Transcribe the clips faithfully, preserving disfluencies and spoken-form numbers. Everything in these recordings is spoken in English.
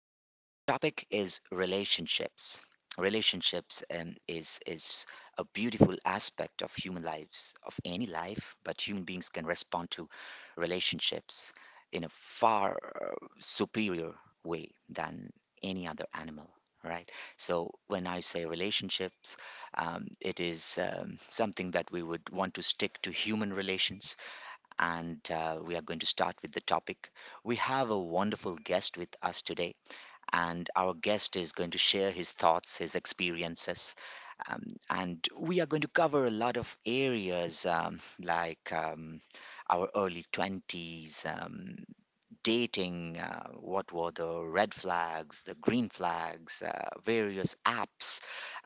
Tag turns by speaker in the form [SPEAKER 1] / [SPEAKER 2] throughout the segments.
[SPEAKER 1] topic is relationships. Relationships um, is is a beautiful aspect of human lives, of any life, but human beings can respond to relationships in a far uh, superior way than any other animal, right? So when I say relationships, um, it is um, something that we would want to stick to human relations and uh, we are going to start with the topic. We have a wonderful guest with us today, and our guest is going to share his thoughts, his experiences, um, and we are going to cover a lot of areas um, like um, our early twenties. Um, dating, uh, what were the red flags, the green flags, uh, various apps,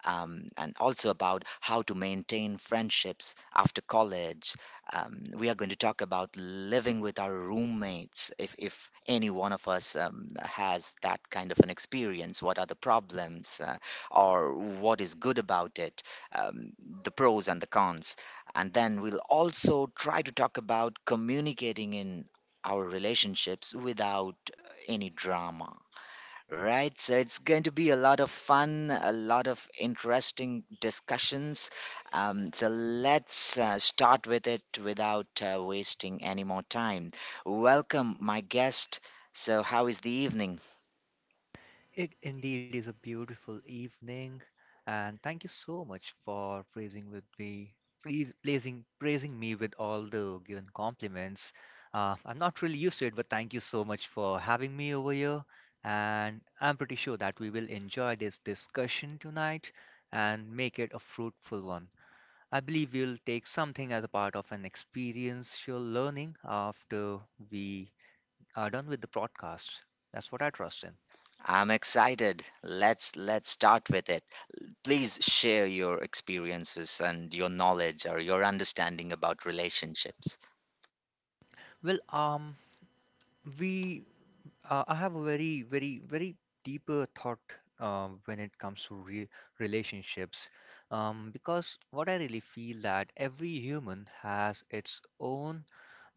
[SPEAKER 1] um, and also about how to maintain friendships after college. Um, we are going to talk about living with our roommates. If, if any one of us um, has that kind of an experience, what are the problems uh, or what is good about it, um, the pros and the cons. And then we'll also try to talk about communicating in our relationships without any drama. Right, so it's going to be a lot of fun, a lot of interesting discussions. Um, so let's uh, start with it without uh, wasting any more time. Welcome, my guest. So, how is the evening?
[SPEAKER 2] It indeed is a beautiful evening, and thank you so much for praising with me, please praising praising me with all the given compliments. Uh, I'm not really used to it, but thank you so much for having me over here, and I'm pretty sure that we will enjoy this discussion tonight and make it a fruitful one. I believe we'll take something as a part of an experiential learning after we are done with the broadcast. That's what I trust in.
[SPEAKER 1] I'm excited. Let's let's start with it. Please share your experiences and your knowledge or your understanding about relationships.
[SPEAKER 2] Well, um, we uh, I have a very very very deeper thought um, when it comes to re- relationships, um, because what I really feel that every human has its own,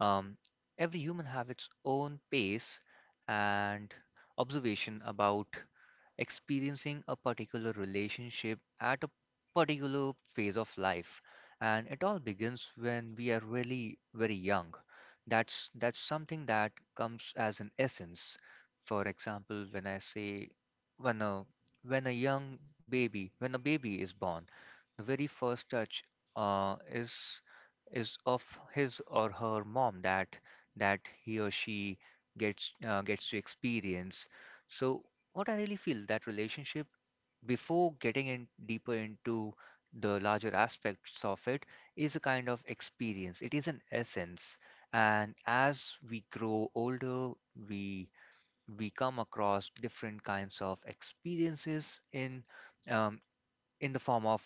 [SPEAKER 2] um, every human have its own pace and observation about experiencing a particular relationship at a particular phase of life. And it all begins when we are really very young. That's that's something that comes as an essence. For example, when I say, when a, when a young baby, when a baby is born, the very first touch uh, is is of his or her mom, that that he or she gets uh, gets to experience. So what I really feel, that relationship, before getting in deeper into the larger aspects of it, is a kind of experience, it is an essence. And as we grow older, we we come across different kinds of experiences in, um, in the form of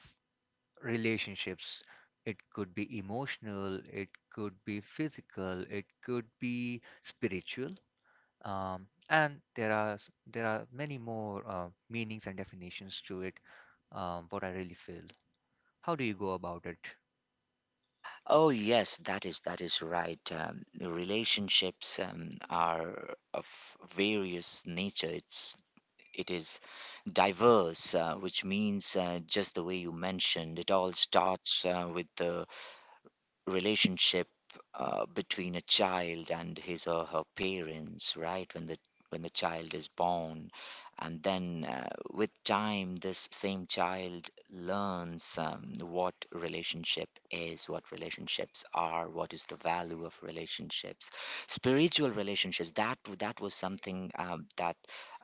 [SPEAKER 2] relationships. It could be emotional, it could be physical, it could be spiritual, um, and there are s- there are many more uh, meanings and definitions to it. Um, what I really feel. How do you go about it?
[SPEAKER 1] Oh yes, that is that is right. Um, the relationships um, are of various nature. It's it is diverse, uh, which means uh, just the way you mentioned, it all starts uh, with the relationship uh, between a child and his or her parents, right? When the when the child is born, and then uh, with time, this same child learns um, what relationship is, what relationships are, what is the value of relationships, spiritual relationships. That that was something um, that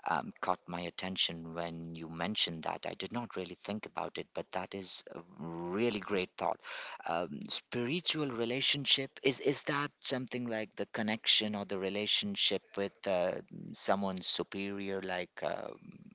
[SPEAKER 1] um, caught my attention when you mentioned that. I did not really think about it, but that is a really great thought. Um, spiritual relationship is is that something like the connection or the relationship with uh, someone superior like um,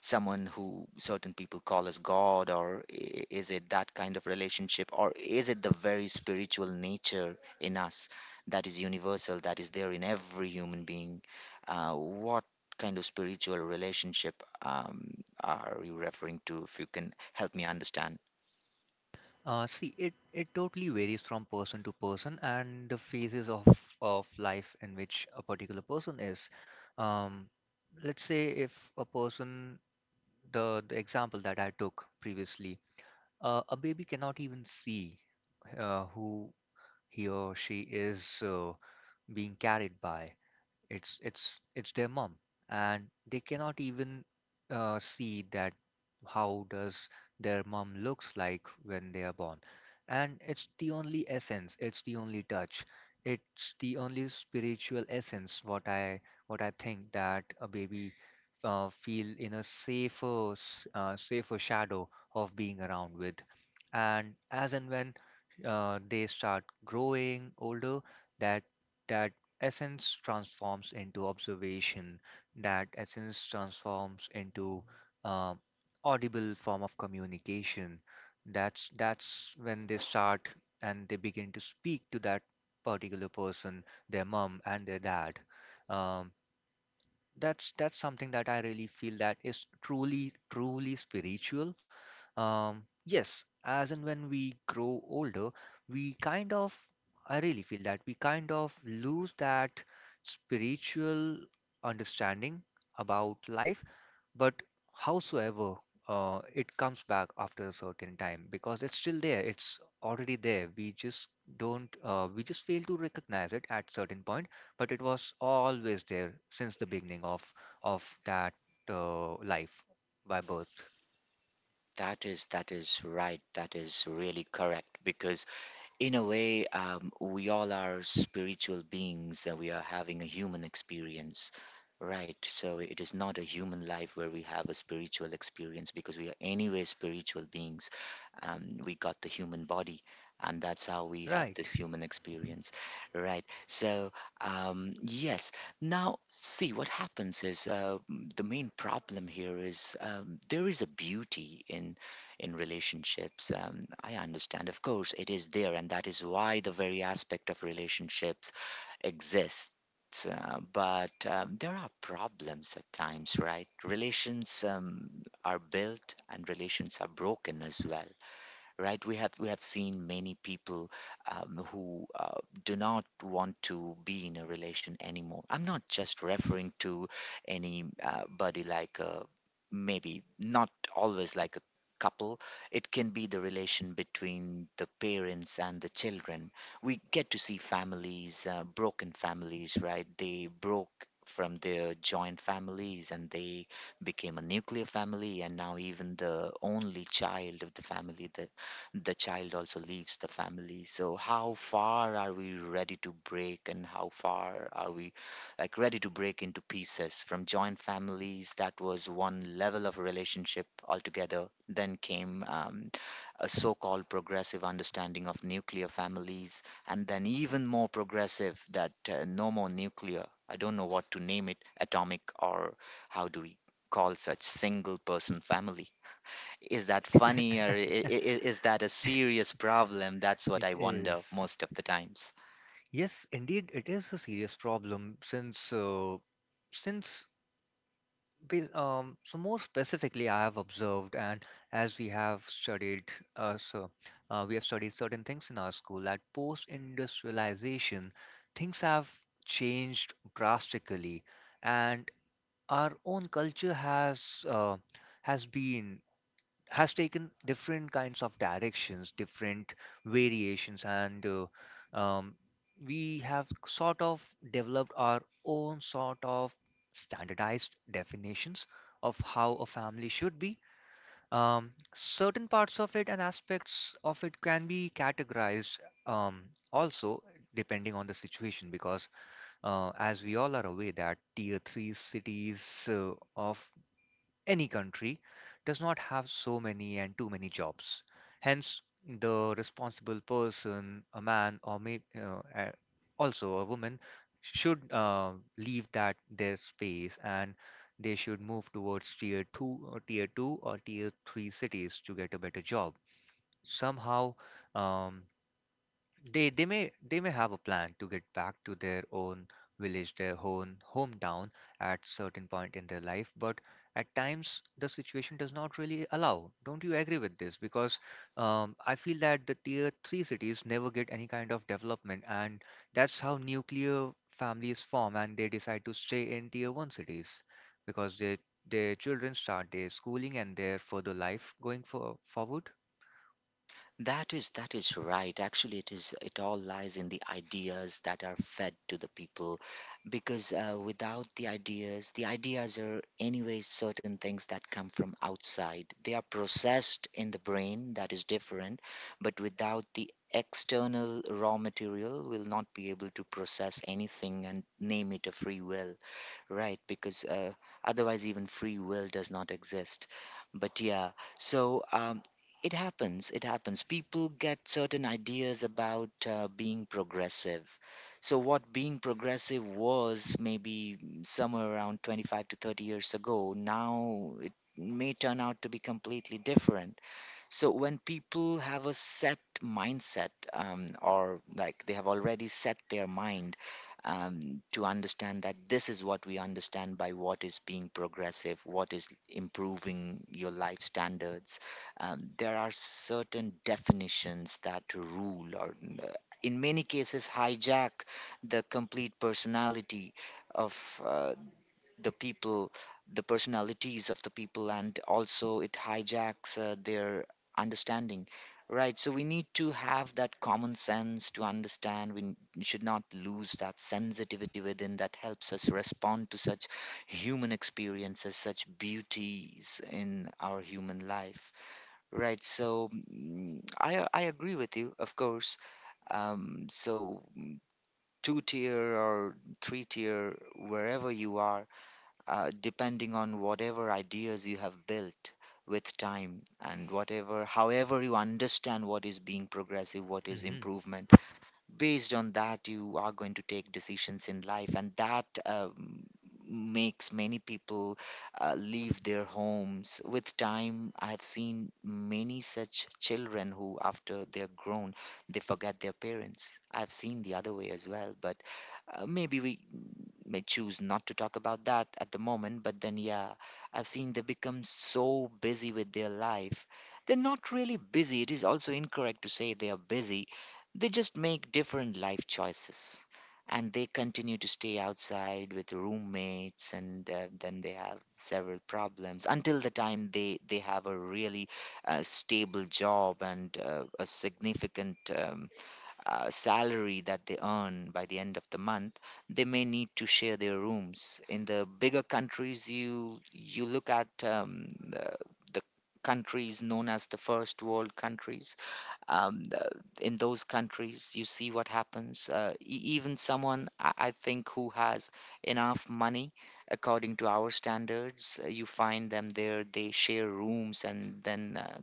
[SPEAKER 1] someone who certain people call as god, or i- is it that kind of relationship, or is it the very spiritual nature in us that is universal, that is there in every human being? Uh, what kind of spiritual relationship um, are you referring to, if you can help me understand?
[SPEAKER 2] Uh, see, it it totally varies from person to person and the phases of of life in which a particular person is. Um, let's say if a person, the the example that I took previously, uh, a baby cannot even see uh, who he or she is uh, being carried by. It's it's it's their mom, and they cannot even uh, see that how does their mom looks like when they are born. And it's the only essence, it's the only touch, it's the only spiritual essence, what I what I think that a baby uh, feel in a safer s- uh, safer shadow of being around with. And as and when uh, they start growing older, that that essence transforms into observation, that essence transforms into uh, audible form of communication. That's that's when they start and they begin to speak to that particular person, their mom and their dad. um, that's that's something that I really feel that is truly truly spiritual. Um, yes, as and when we grow older, we kind of, I really feel that we kind of lose that spiritual understanding about life, but howsoever uh, it comes back after a certain time because it's still there, it's already there. We just don't, uh, we just fail to recognize it at certain point, but it was always there since the beginning of of that uh, life by birth.
[SPEAKER 1] That is that is right. That is really correct because in a way, um, we all are spiritual beings and we are having a human experience, right? So it is not a human life where we have a spiritual experience, because we are anyway spiritual beings. Um, we got the human body, and that's how we have
[SPEAKER 2] Right,
[SPEAKER 1] this human experience, right? So um, yes. Now see what happens is uh, m- the main problem here is, um, there is a beauty in in relationships. Um, I understand, of course, it is there, and that is why the very aspect of relationships exists. Uh, but um, there are problems at times, right? Relations um, are built and relations are broken as well, right? We have we have seen many people um, who uh, do not want to be in a relation anymore. I'm not just referring to anybody like a, maybe not always like a couple. It can be the relation between the parents and the children. We get to see families, uh, broken families, right? They broke from their joint families and they became a nuclear family, and now even the only child of the family, the the child also leaves the family. So, how far are we ready to break, and how far are we like ready to break into pieces from joint families? That was one level of relationship altogether. Then came um, a so called progressive understanding of nuclear families, and then even more progressive that uh, no more nuclear. I don't know what to name it, atomic, or how do we call such single person family. Is that funny, or i- i- i- is that a serious problem? That's what
[SPEAKER 2] it
[SPEAKER 1] I wonder
[SPEAKER 2] is.
[SPEAKER 1] most of the times.
[SPEAKER 2] Yes, indeed, it is a serious problem since uh, since ba- um, so more specifically, I have observed, and as we have studied, uh, so uh, we have studied certain things in our school that post-industrialization, things have changed drastically, and our own culture has, uh, has been, has taken different kinds of directions, different variations, and uh, um, we have sort of developed our own sort of standardized definitions of how a family should be. Um, certain parts of it and aspects of it can be categorized, um, also depending on the situation, because uh, as we all are aware that tier three cities uh, of any country does not have so many and too many jobs. Hence, the responsible person, a man or may, uh, a- also a woman, should uh, leave that their space and they should move towards tier two or tier two or tier three cities to get a better job. Somehow, um, they they may they may have a plan to get back to their own village, their own hometown at certain point in their life, but at times the situation does not really allow. Don't you agree with this? Because um, I feel that the tier three cities never get any kind of development, and that's how nuclear families form, and they decide to stay in tier one cities because they their children start their schooling and their further life going for forward.
[SPEAKER 1] That is that is right. Actually, it is, it all lies in the ideas that are fed to the people, because uh, without the ideas, the ideas are anyways certain things that come from outside. They are processed in the brain, that is different, but without the external raw material, we'll not be able to process anything and name it a free will, right? Because uh, otherwise, even free will does not exist. But yeah, so um, it happens. It happens. People get certain ideas about uh, being progressive. So, what being progressive was maybe mm, somewhere around twenty-five to thirty years ago, now it may turn out to be completely different. So when people have a set mindset, um, or like they have already set their mind um, to understand that this is what we understand by what is being progressive, what is improving your life standards, um, there are certain definitions that rule or uh, in many cases hijack the complete personality of uh, the people, the personalities of the people, and also it hijacks uh, their understanding. Right, so we need to have that common sense to understand. We n- should not lose that sensitivity within that helps us respond to such human experiences, such beauties in our human life. Right, so mm, I, I agree with you, of course. Um, so two tier or three tier, wherever you are, uh, depending on whatever ideas you have built with time and whatever however you understand what is being progressive, what is improvement, based on that you are going to take decisions in life, and that um, makes many people uh, leave their homes. With time, I have seen many such children who after they're grown, they forget their parents. I've seen the other way as well, but uh, maybe we may choose not to talk about that at the moment, but then, yeah, I've seen they become so busy with their life. They're not really busy. It is also incorrect to say they are busy. They just make different life choices. And they continue to stay outside with roommates, and uh, then they have several problems until the time they, they have a really uh, stable job and uh, a significant um, uh, salary that they earn by the end of the month. They may need to share their rooms. In the bigger countries, you you look at um, the, the countries known as the first world countries, um, the- in those countries you see what happens. uh, e- even someone I-, I think, who has enough money according to our standards, uh, you find them there, they share rooms, and then uh,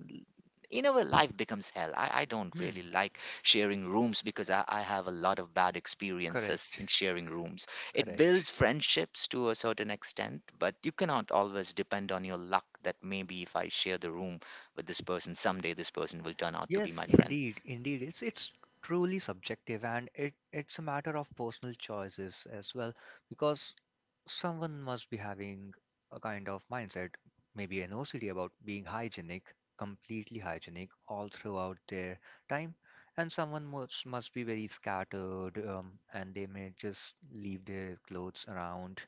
[SPEAKER 1] you know, well, life becomes hell. I, I don't really
[SPEAKER 2] Hmm,
[SPEAKER 1] like sharing rooms because I, I have a lot of bad experiences
[SPEAKER 2] correct,
[SPEAKER 1] in sharing rooms. It
[SPEAKER 2] correct.
[SPEAKER 1] builds friendships to a certain extent, but you cannot always depend on your luck that maybe if I share the room with this person, someday this person will turn out to be
[SPEAKER 2] Yes,
[SPEAKER 1] my friend.
[SPEAKER 2] indeed, indeed. It's it's truly subjective and it, it's a matter of personal choices as well, because someone must be having a kind of mindset, maybe an O C D about being hygienic, completely hygienic all throughout their time, and someone must must be very scattered, um, and they may just leave their clothes around.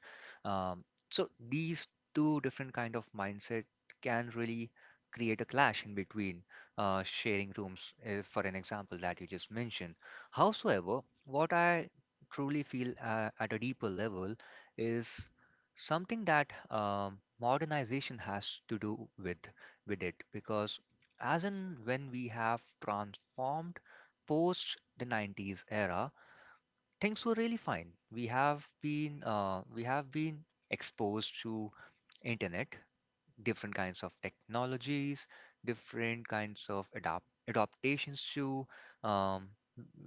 [SPEAKER 2] Um, so these two different kind of mindset can really create a clash in between uh, sharing rooms, uh, for an example that you just mentioned. Howsoever, what I truly feel uh, at a deeper level is something that, um, modernization has to do with with it, because as in when we have transformed post the nineties era, things were really fine. We have been uh, we have been exposed to internet, different kinds of technologies, different kinds of adapt adaptations to um,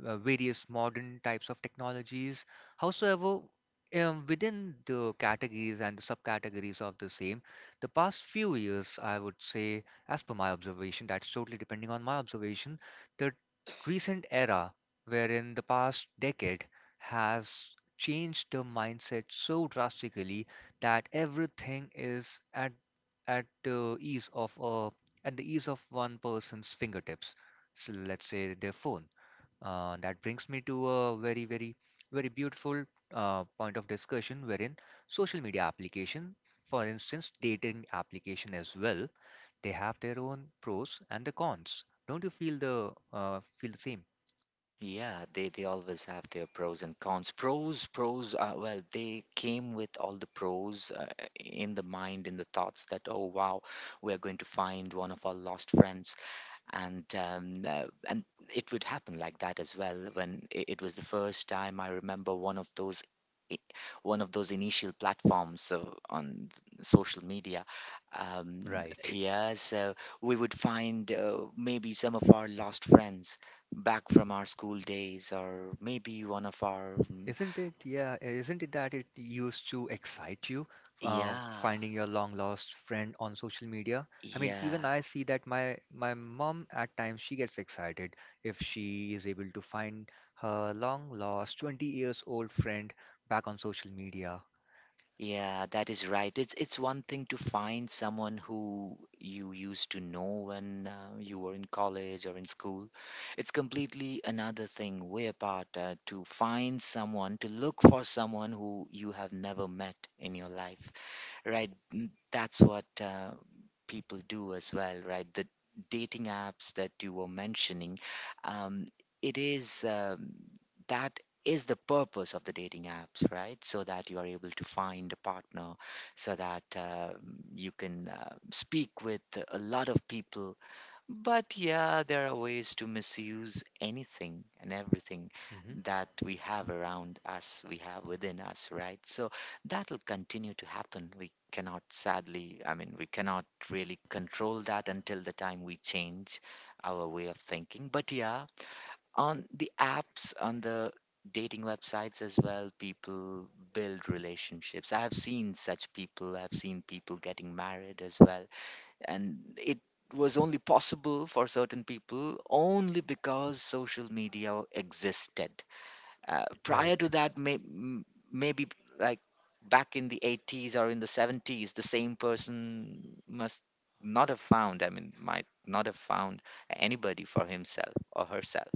[SPEAKER 2] uh, various modern types of technologies. Howsoever, um, within the categories and the subcategories of the same, the past few years, I would say, as per my observation, that's totally depending on my observation, the recent era wherein the past decade has changed the mindset so drastically that everything is at at the ease of a, at the ease of one person's fingertips. So let's say their phone. Uh, that brings me to a very, very, very beautiful uh, point of discussion wherein social media application, for instance, dating application as well, they have their own pros and the cons. Don't you feel the uh, feel the same?
[SPEAKER 1] Yeah, they they always have their pros and cons. Pros, pros, uh, well, they came with all the pros uh, in the mind, in the thoughts that, oh wow, we are going to find one of our lost friends. And um, uh, and it would happen like that as well. When it, it was the first time I remember one of those i- one of those initial platforms uh, on th- social media, um,
[SPEAKER 2] Right.
[SPEAKER 1] yeah, so we would find uh, maybe some of our lost friends back from our school days, or maybe one of our mm,
[SPEAKER 2] Isn't it? Yeah, isn't it that it used to excite you, uh,
[SPEAKER 1] yeah,
[SPEAKER 2] finding your long lost friend on social media? I mean,
[SPEAKER 1] yeah.
[SPEAKER 2] even I see that my my mom at times she gets excited if she is able to find her long lost twenty years old friend back on social media.
[SPEAKER 1] Yeah, that is right. It's it's one thing to find someone who you used to know when uh, you were in college or in school. It's completely another thing, way apart, uh, to find someone, to look for someone who you have never met in your life, right? n- That's what uh, people do as well, right? The dating apps that you were mentioning, um, it is um, that is the purpose of the dating apps, right? So that you are able to find a partner, so that uh, you can uh, speak with a lot of people. But yeah, there are ways to misuse anything and everything
[SPEAKER 2] Hmm.
[SPEAKER 1] that we have around us, we have within us, right? So that'll continue to happen. We cannot, sadly, I mean, we cannot really control that until the time we change our way of thinking. But yeah, on the apps, on the dating websites as well, people build relationships. I have seen such people, I've seen people getting married as well, and it was only possible for certain people only because social media existed. Uh, prior
[SPEAKER 2] Right.
[SPEAKER 1] to that, may, m- maybe like back in the eighties or in the seventies, the same person must not have found, I mean, might not have found anybody for himself or herself,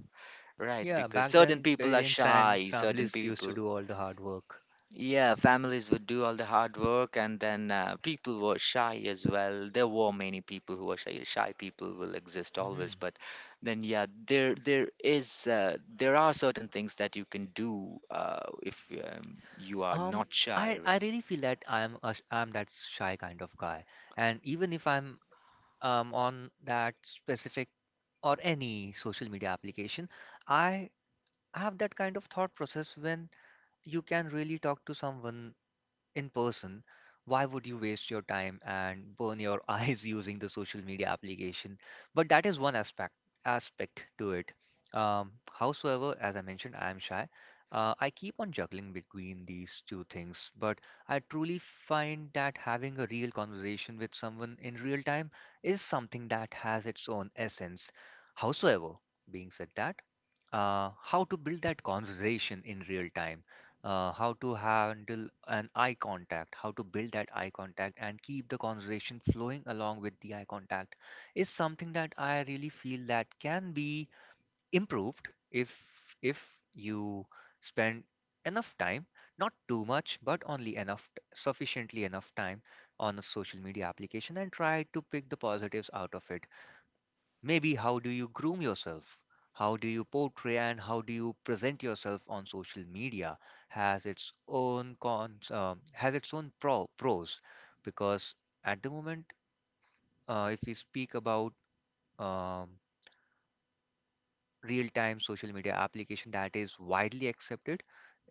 [SPEAKER 1] right?
[SPEAKER 2] Yeah,
[SPEAKER 1] Because
[SPEAKER 2] back
[SPEAKER 1] certain
[SPEAKER 2] then
[SPEAKER 1] people are
[SPEAKER 2] parents and
[SPEAKER 1] shy, certain
[SPEAKER 2] families used to
[SPEAKER 1] people
[SPEAKER 2] do all the hard work.
[SPEAKER 1] yeah, families would do all the hard work, and then uh, people were shy as well. There were many people who were shy. Shy people will exist always,
[SPEAKER 2] Hmm.
[SPEAKER 1] but then yeah, there there is uh, there are certain things that you can do uh, if um, you are
[SPEAKER 2] Um,
[SPEAKER 1] not shy,
[SPEAKER 2] I I
[SPEAKER 1] right?
[SPEAKER 2] really feel that I'm a, sh- I'm that shy kind of guy, and even if I'm um, on that specific or any social media application, I have that kind of thought process, when you can really talk to someone in person, why would you waste your time and burn your eyes using the social media application? But that is one aspect aspect to it. Um, howsoever, as I mentioned, I am shy. Uh, I keep on juggling between these two things, but I truly find that having a real conversation with someone in real time is something that has its own essence. Howsoever, being said that, uh, how to build that conversation in real time, uh, how to handle an eye contact, how to build that eye contact and keep the conversation flowing along with the eye contact, is something that I really feel that can be improved if if you spend enough time, not too much, but only enough, t- sufficiently enough time on a social media application and try to pick the positives out of it. Maybe how do you groom yourself? How do you portray and how do you present yourself on social media? Has its own cons, um, has its own pro, pros, because at the moment, uh, if we speak about um, real-time social media application that is widely accepted,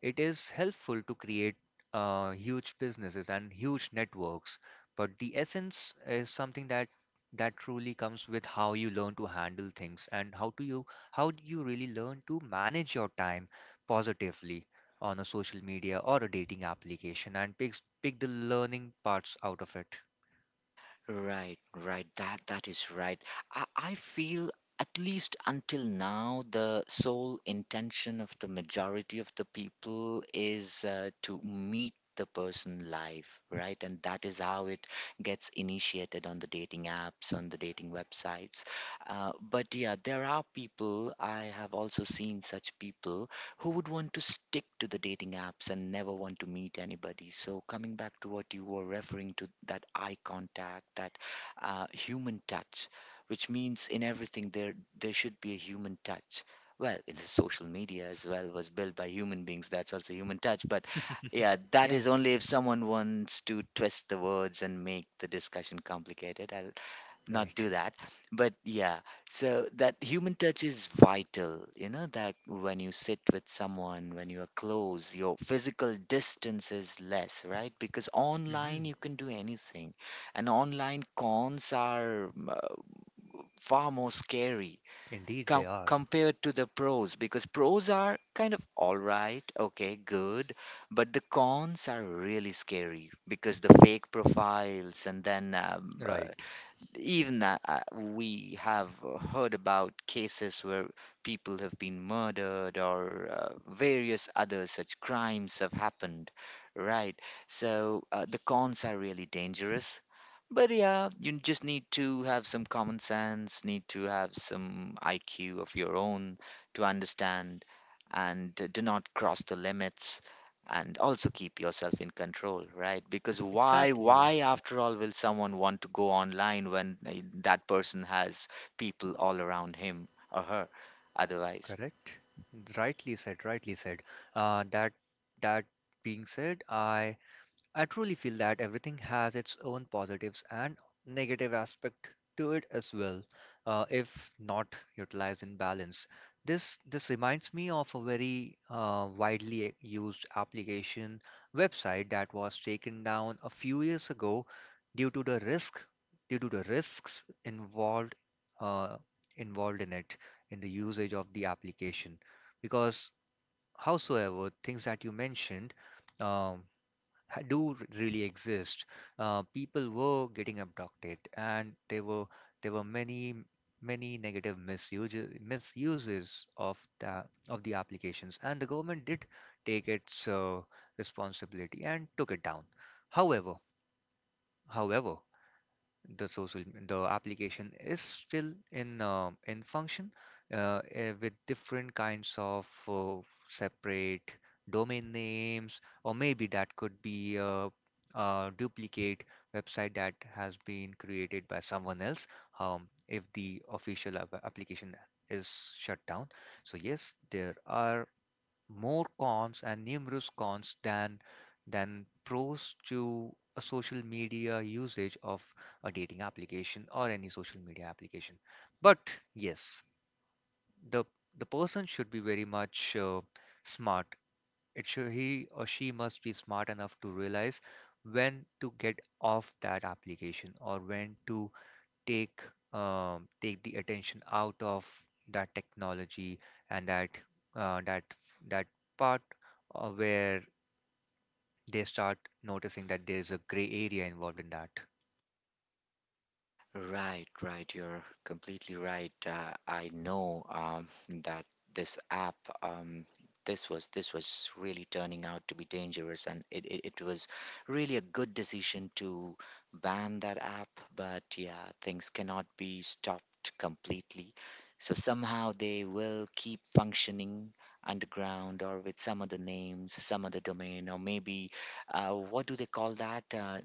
[SPEAKER 2] it is helpful to create uh, huge businesses and huge networks. But the essence is something that that truly comes with how you learn to handle things and how do you how do you really learn to manage your time positively on a social media or a dating application and pick pick the learning parts out of it.
[SPEAKER 1] Right, right. That that is right. I, I feel at least until now the sole intention of the majority of the people is uh, to meet the person live, right? And that is how it gets initiated on the dating apps, on the dating websites. Uh, but yeah, there are people, I have also seen such people who would want to stick to the dating apps and never want to meet anybody. So, coming back to what you were referring to, that eye contact, that uh, human touch, which means in everything there there should be a human touch. Well, in the social media as well was built by human beings. That's also human touch. But yeah, that
[SPEAKER 2] Yeah,
[SPEAKER 1] is only if someone wants to twist the words and make the discussion complicated. I, not
[SPEAKER 2] right.
[SPEAKER 1] do that but yeah, so that human touch is vital, you know that when you sit with someone, when you are close, your physical distance is less, right? Because online
[SPEAKER 2] Hmm.
[SPEAKER 1] you can do anything, and online cons are mm, uh, far more scary
[SPEAKER 2] Indeed,
[SPEAKER 1] co-
[SPEAKER 2] they are.
[SPEAKER 1] compared to the pros, because pros are kind of all right, okay, good, but the cons are really scary because the fake profiles, and then um, uh,
[SPEAKER 2] Right.
[SPEAKER 1] even that uh, we have heard about cases where people have been murdered or uh, various other such crimes have happened, right? So uh, the cons are really dangerous. But yeah, you just need to have some common sense, need to have some I Q of your own to understand and do not cross the limits, and also keep yourself in control, right? Because why
[SPEAKER 2] Exactly.
[SPEAKER 1] why after all will someone want to go online when uh, that person has people all around him or her otherwise.
[SPEAKER 2] Correct. Rightly said, rightly said. Uh, that that being said, I I truly feel that everything has its own positives and negative aspect to it as well, uh, if not utilized in balance. This this reminds me of a very uh, widely used application, website, that was taken down a few years ago due to the risk due to the risks involved uh, involved in it in the usage of the application, because howsoever, things that you mentioned, um ha- do r- really exist. Uh, people were getting abducted, and there were there were many many negative misuses misuses of the of the applications, and the government did take its uh, responsibility and took it down. However, however, the social the application is still in um in function uh, eh, with different kinds of uh, separate domain names, or maybe that could be a, a duplicate website that has been created by someone else um, if the official app- application is shut down. So yes, there are more cons and numerous cons than than pros to a social media usage of a dating application or any social media application. But yes, the the person should be very much uh, smart. It should he or she must be smart enough to realize when to get off that application, or when to take um, take the attention out of that technology and that uh, that that part uh, where they start noticing that there is a gray area involved in that.
[SPEAKER 1] Right, right. You're completely right. Uh, I know um, that this app, um, this was this was really turning out to be dangerous, and it, it, it was really a good decision to ban that app. But yeah, things cannot be stopped completely. So somehow they will keep functioning underground or with some other names, some other domain, or maybe uh, what do they call that? Uh,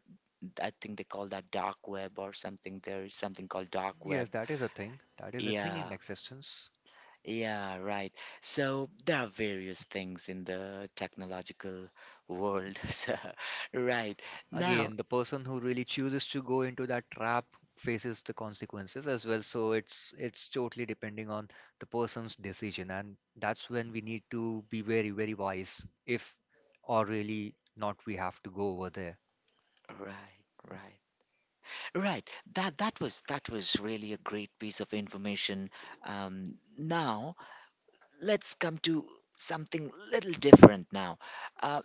[SPEAKER 1] I think they call that dark web or something. There is something called dark web.
[SPEAKER 2] Yes, that is a thing. That is a thing
[SPEAKER 1] Yeah,
[SPEAKER 2] in existence.
[SPEAKER 1] yeah, right. So there are various things in the technological world. So, right. Now,
[SPEAKER 2] Again, the person who really chooses to go into that trap faces the consequences as well. So it's it's totally depending on the person's decision, and that's when we need to be very, very wise if or really not we have to go over there.
[SPEAKER 1] right, right. Right. That that was that was really a great piece of information. Um, Now let's come to something little different now. Uh,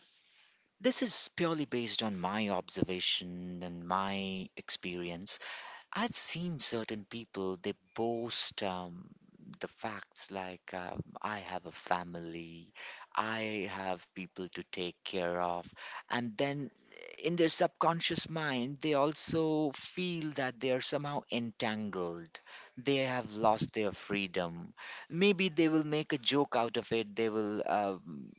[SPEAKER 1] this is purely based on my observation and my experience. I've seen certain people, they boast um, the facts like, um, I have a family, I have people to take care of. And then in their subconscious mind, they also feel that they are somehow entangled. They have lost their freedom. Maybe they will make a joke out of it. They will. Um,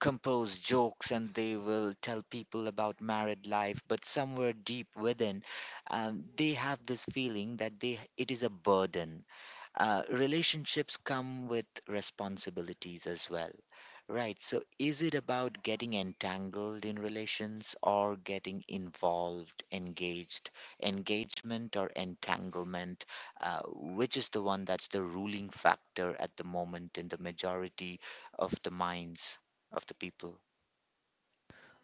[SPEAKER 1] Compose jokes, and they will tell people about married life, but somewhere deep within um, they have this feeling that they it is a burden. Uh, relationships come with responsibilities as well, right? So, is it about getting entangled in relations or getting involved, engaged? Engagement or entanglement? Uh, which is the one that's the ruling factor at the moment in the majority of the minds of the people?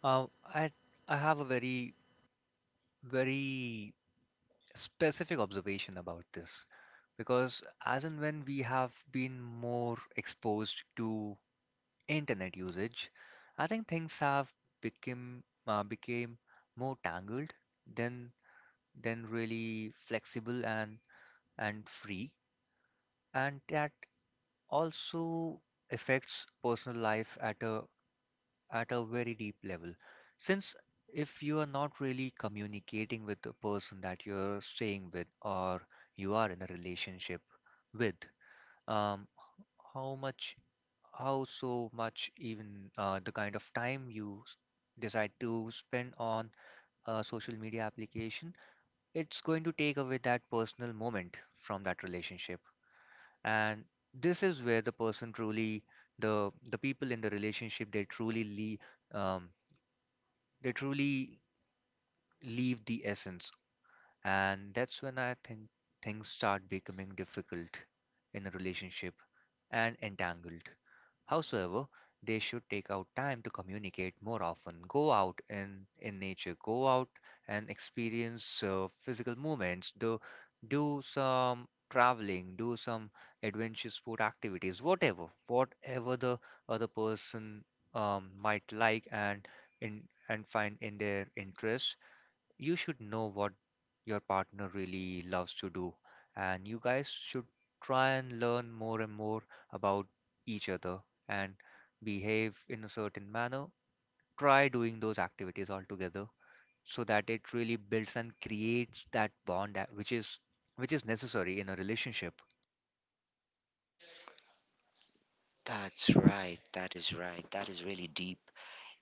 [SPEAKER 2] Uh, I I have a very very specific observation about this, because as and when we have been more exposed to internet usage, I think things have become uh, became more tangled than than really flexible and and free, and that also affects personal life at a at a very deep level. Since if you are not really communicating with the person that you're staying with, or you are in a relationship with, um, how much, how so much even uh, the kind of time you s- decide to spend on a social media application, it's going to take away that personal moment from that relationship. And this is where the person truly, the the people in the relationship, they truly leave um, they truly leave the essence, and that's when I think things start becoming difficult in a relationship, and entangled. Howsoever, they should take out time to communicate more often, go out in, in nature, go out and experience uh, physical movements, do, do some traveling, do some adventure sport activities, whatever, whatever the other person um, might like and in and find in their interest. You should know what your partner really loves to do, and you guys should try and learn more and more about each other, and behave in a certain manner. Try doing those activities all together, so that it really builds and creates that bond that, which is which is necessary in a relationship.
[SPEAKER 1] That's right. That is right. That is really deep.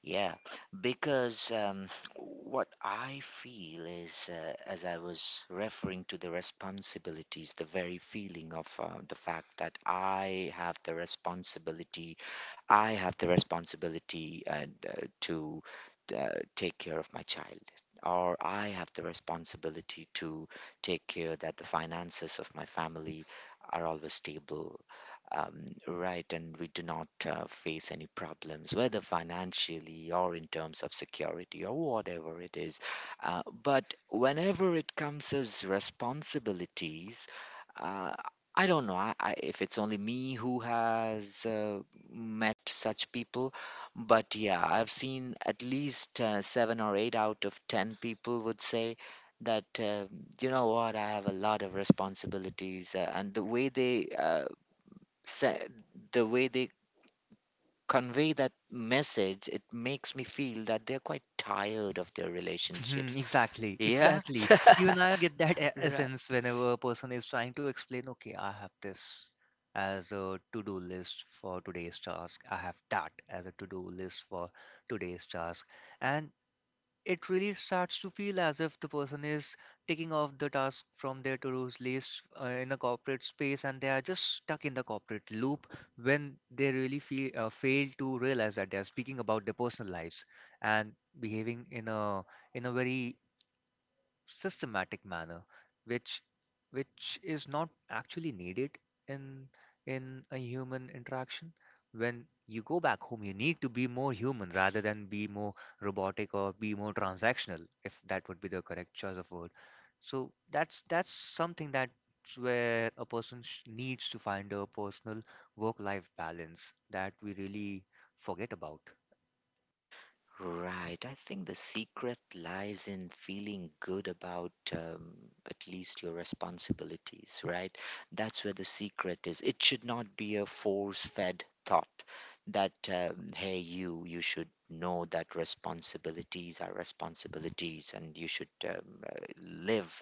[SPEAKER 1] Yeah, because um, what I feel is, uh, as I was referring to the responsibilities, the very feeling of uh, the fact that I have the responsibility, I have the responsibility, and uh, to uh, take care of my child, or I have the responsibility to take care that the finances of my family are always stable, um, right, and we do not uh, face any problems, whether financially or in terms of security or whatever it is. Uh, but whenever it comes as responsibilities, uh, I don't know, I, I, if it's only me who has uh, met such people, but yeah, I've seen at least uh, seven or eight out of ten people would say that uh, you know what, I have a lot of responsibilities, uh, and the way they uh, sa- the way they convey that message, it makes me feel that they're quite tired of their relationships.
[SPEAKER 2] Mhm. Exactly,
[SPEAKER 1] Yeah.
[SPEAKER 2] exactly. You and I get that e-
[SPEAKER 1] Right.
[SPEAKER 2] essence whenever a person is trying to explain, okay, I have this as a to-do list for today's task. I have that as a to-do list for today's task. And it really starts to feel as if the person is taking off the task from their to-do's list uh, in a corporate space, and they are just stuck in the corporate loop when they really feel, uh, fail to realize that they are speaking about their personal lives, and behaving in a in a very systematic manner which which is not actually needed in in a human interaction. When you go back home, you need to be more human, rather than be more robotic, or be more transactional, if that would be the correct choice of word. So that's that's something that's where a person sh- needs to find a personal work life balance that we really forget about.
[SPEAKER 1] Right. I think the secret lies in feeling good about um, at least your responsibilities, right? That's where the secret is. It should not be a force-fed thought that, um, hey, you, you should know that responsibilities are responsibilities, and you should um, uh, live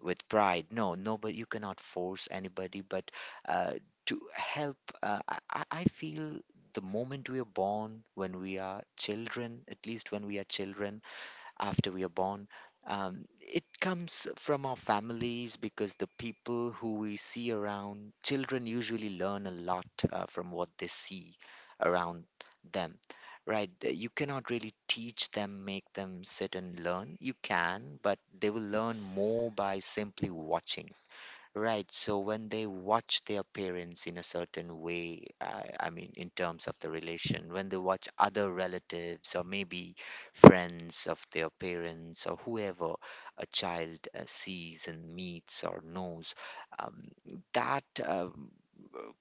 [SPEAKER 1] with pride. No, nobody, you cannot force anybody, but uh, to help, uh, I, I I feel the moment we are born, when we are children, at least when we are children, after we are born. Um, it comes from our families, because the people who we see around, children usually learn a lot uh, from what they see around them, right? Uh, You cannot really teach them, make them sit and learn. You can, but they will learn more by simply watching. Right. So when they watch their parents in a certain way, I, I mean, in terms of the relation, when they watch other relatives or maybe friends of their parents or whoever a child uh, sees and meets or knows, um, that um,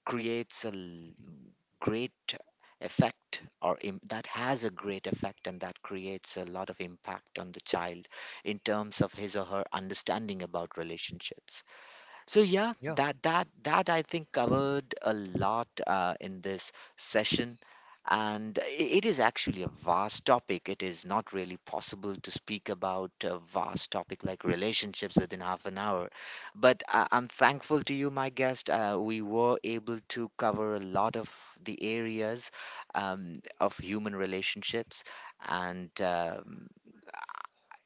[SPEAKER 1] creates a l- great effect, or Im- that has a great effect and that creates a lot of impact on the child in terms of his or her understanding about relationships. So yeah,
[SPEAKER 2] Yeah,
[SPEAKER 1] that that that I think covered a lot uh, in this session, and i- it is actually a vast topic. It is not really possible to speak about a vast topic like relationships within half an hour. But I, I'm thankful to you, my guest. Uh, we were able to cover a lot of the areas um, of human relationships, and um,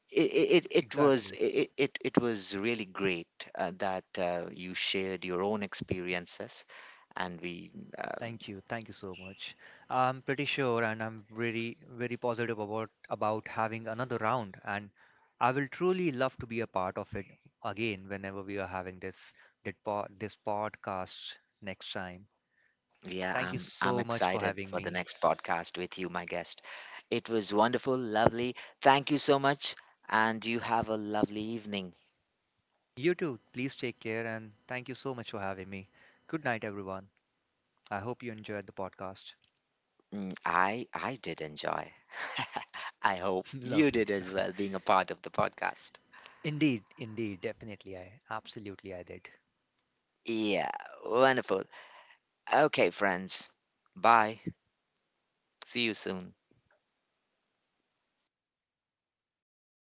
[SPEAKER 1] it it, it was
[SPEAKER 2] exactly.
[SPEAKER 1] it, it it was really great uh, that uh, you shared your own experiences, and we um
[SPEAKER 2] Thank you. Thank you so much. I'm pretty sure, and I'm very, very positive about about having another round, and I will truly love to be a part of it again whenever we are having this that po this podcast next time.
[SPEAKER 1] yeah,
[SPEAKER 2] Thank you
[SPEAKER 1] i'm i'm
[SPEAKER 2] so much for
[SPEAKER 1] excited
[SPEAKER 2] having
[SPEAKER 1] for the
[SPEAKER 2] me.
[SPEAKER 1] next podcast with you, my guest. It was wonderful, lovely. Thank you so much, and you have a lovely evening.
[SPEAKER 2] You too. Please take care, and thank you so much for having me. Good night, everyone. I hope you enjoyed the podcast.
[SPEAKER 1] Mm, i i did enjoy I hope you
[SPEAKER 2] Lovely.
[SPEAKER 1] did as well being a part of the podcast.
[SPEAKER 2] Indeed, indeed, definitely. I absolutely I did.
[SPEAKER 1] Yeah, wonderful. Okay, friends, bye. See you soon.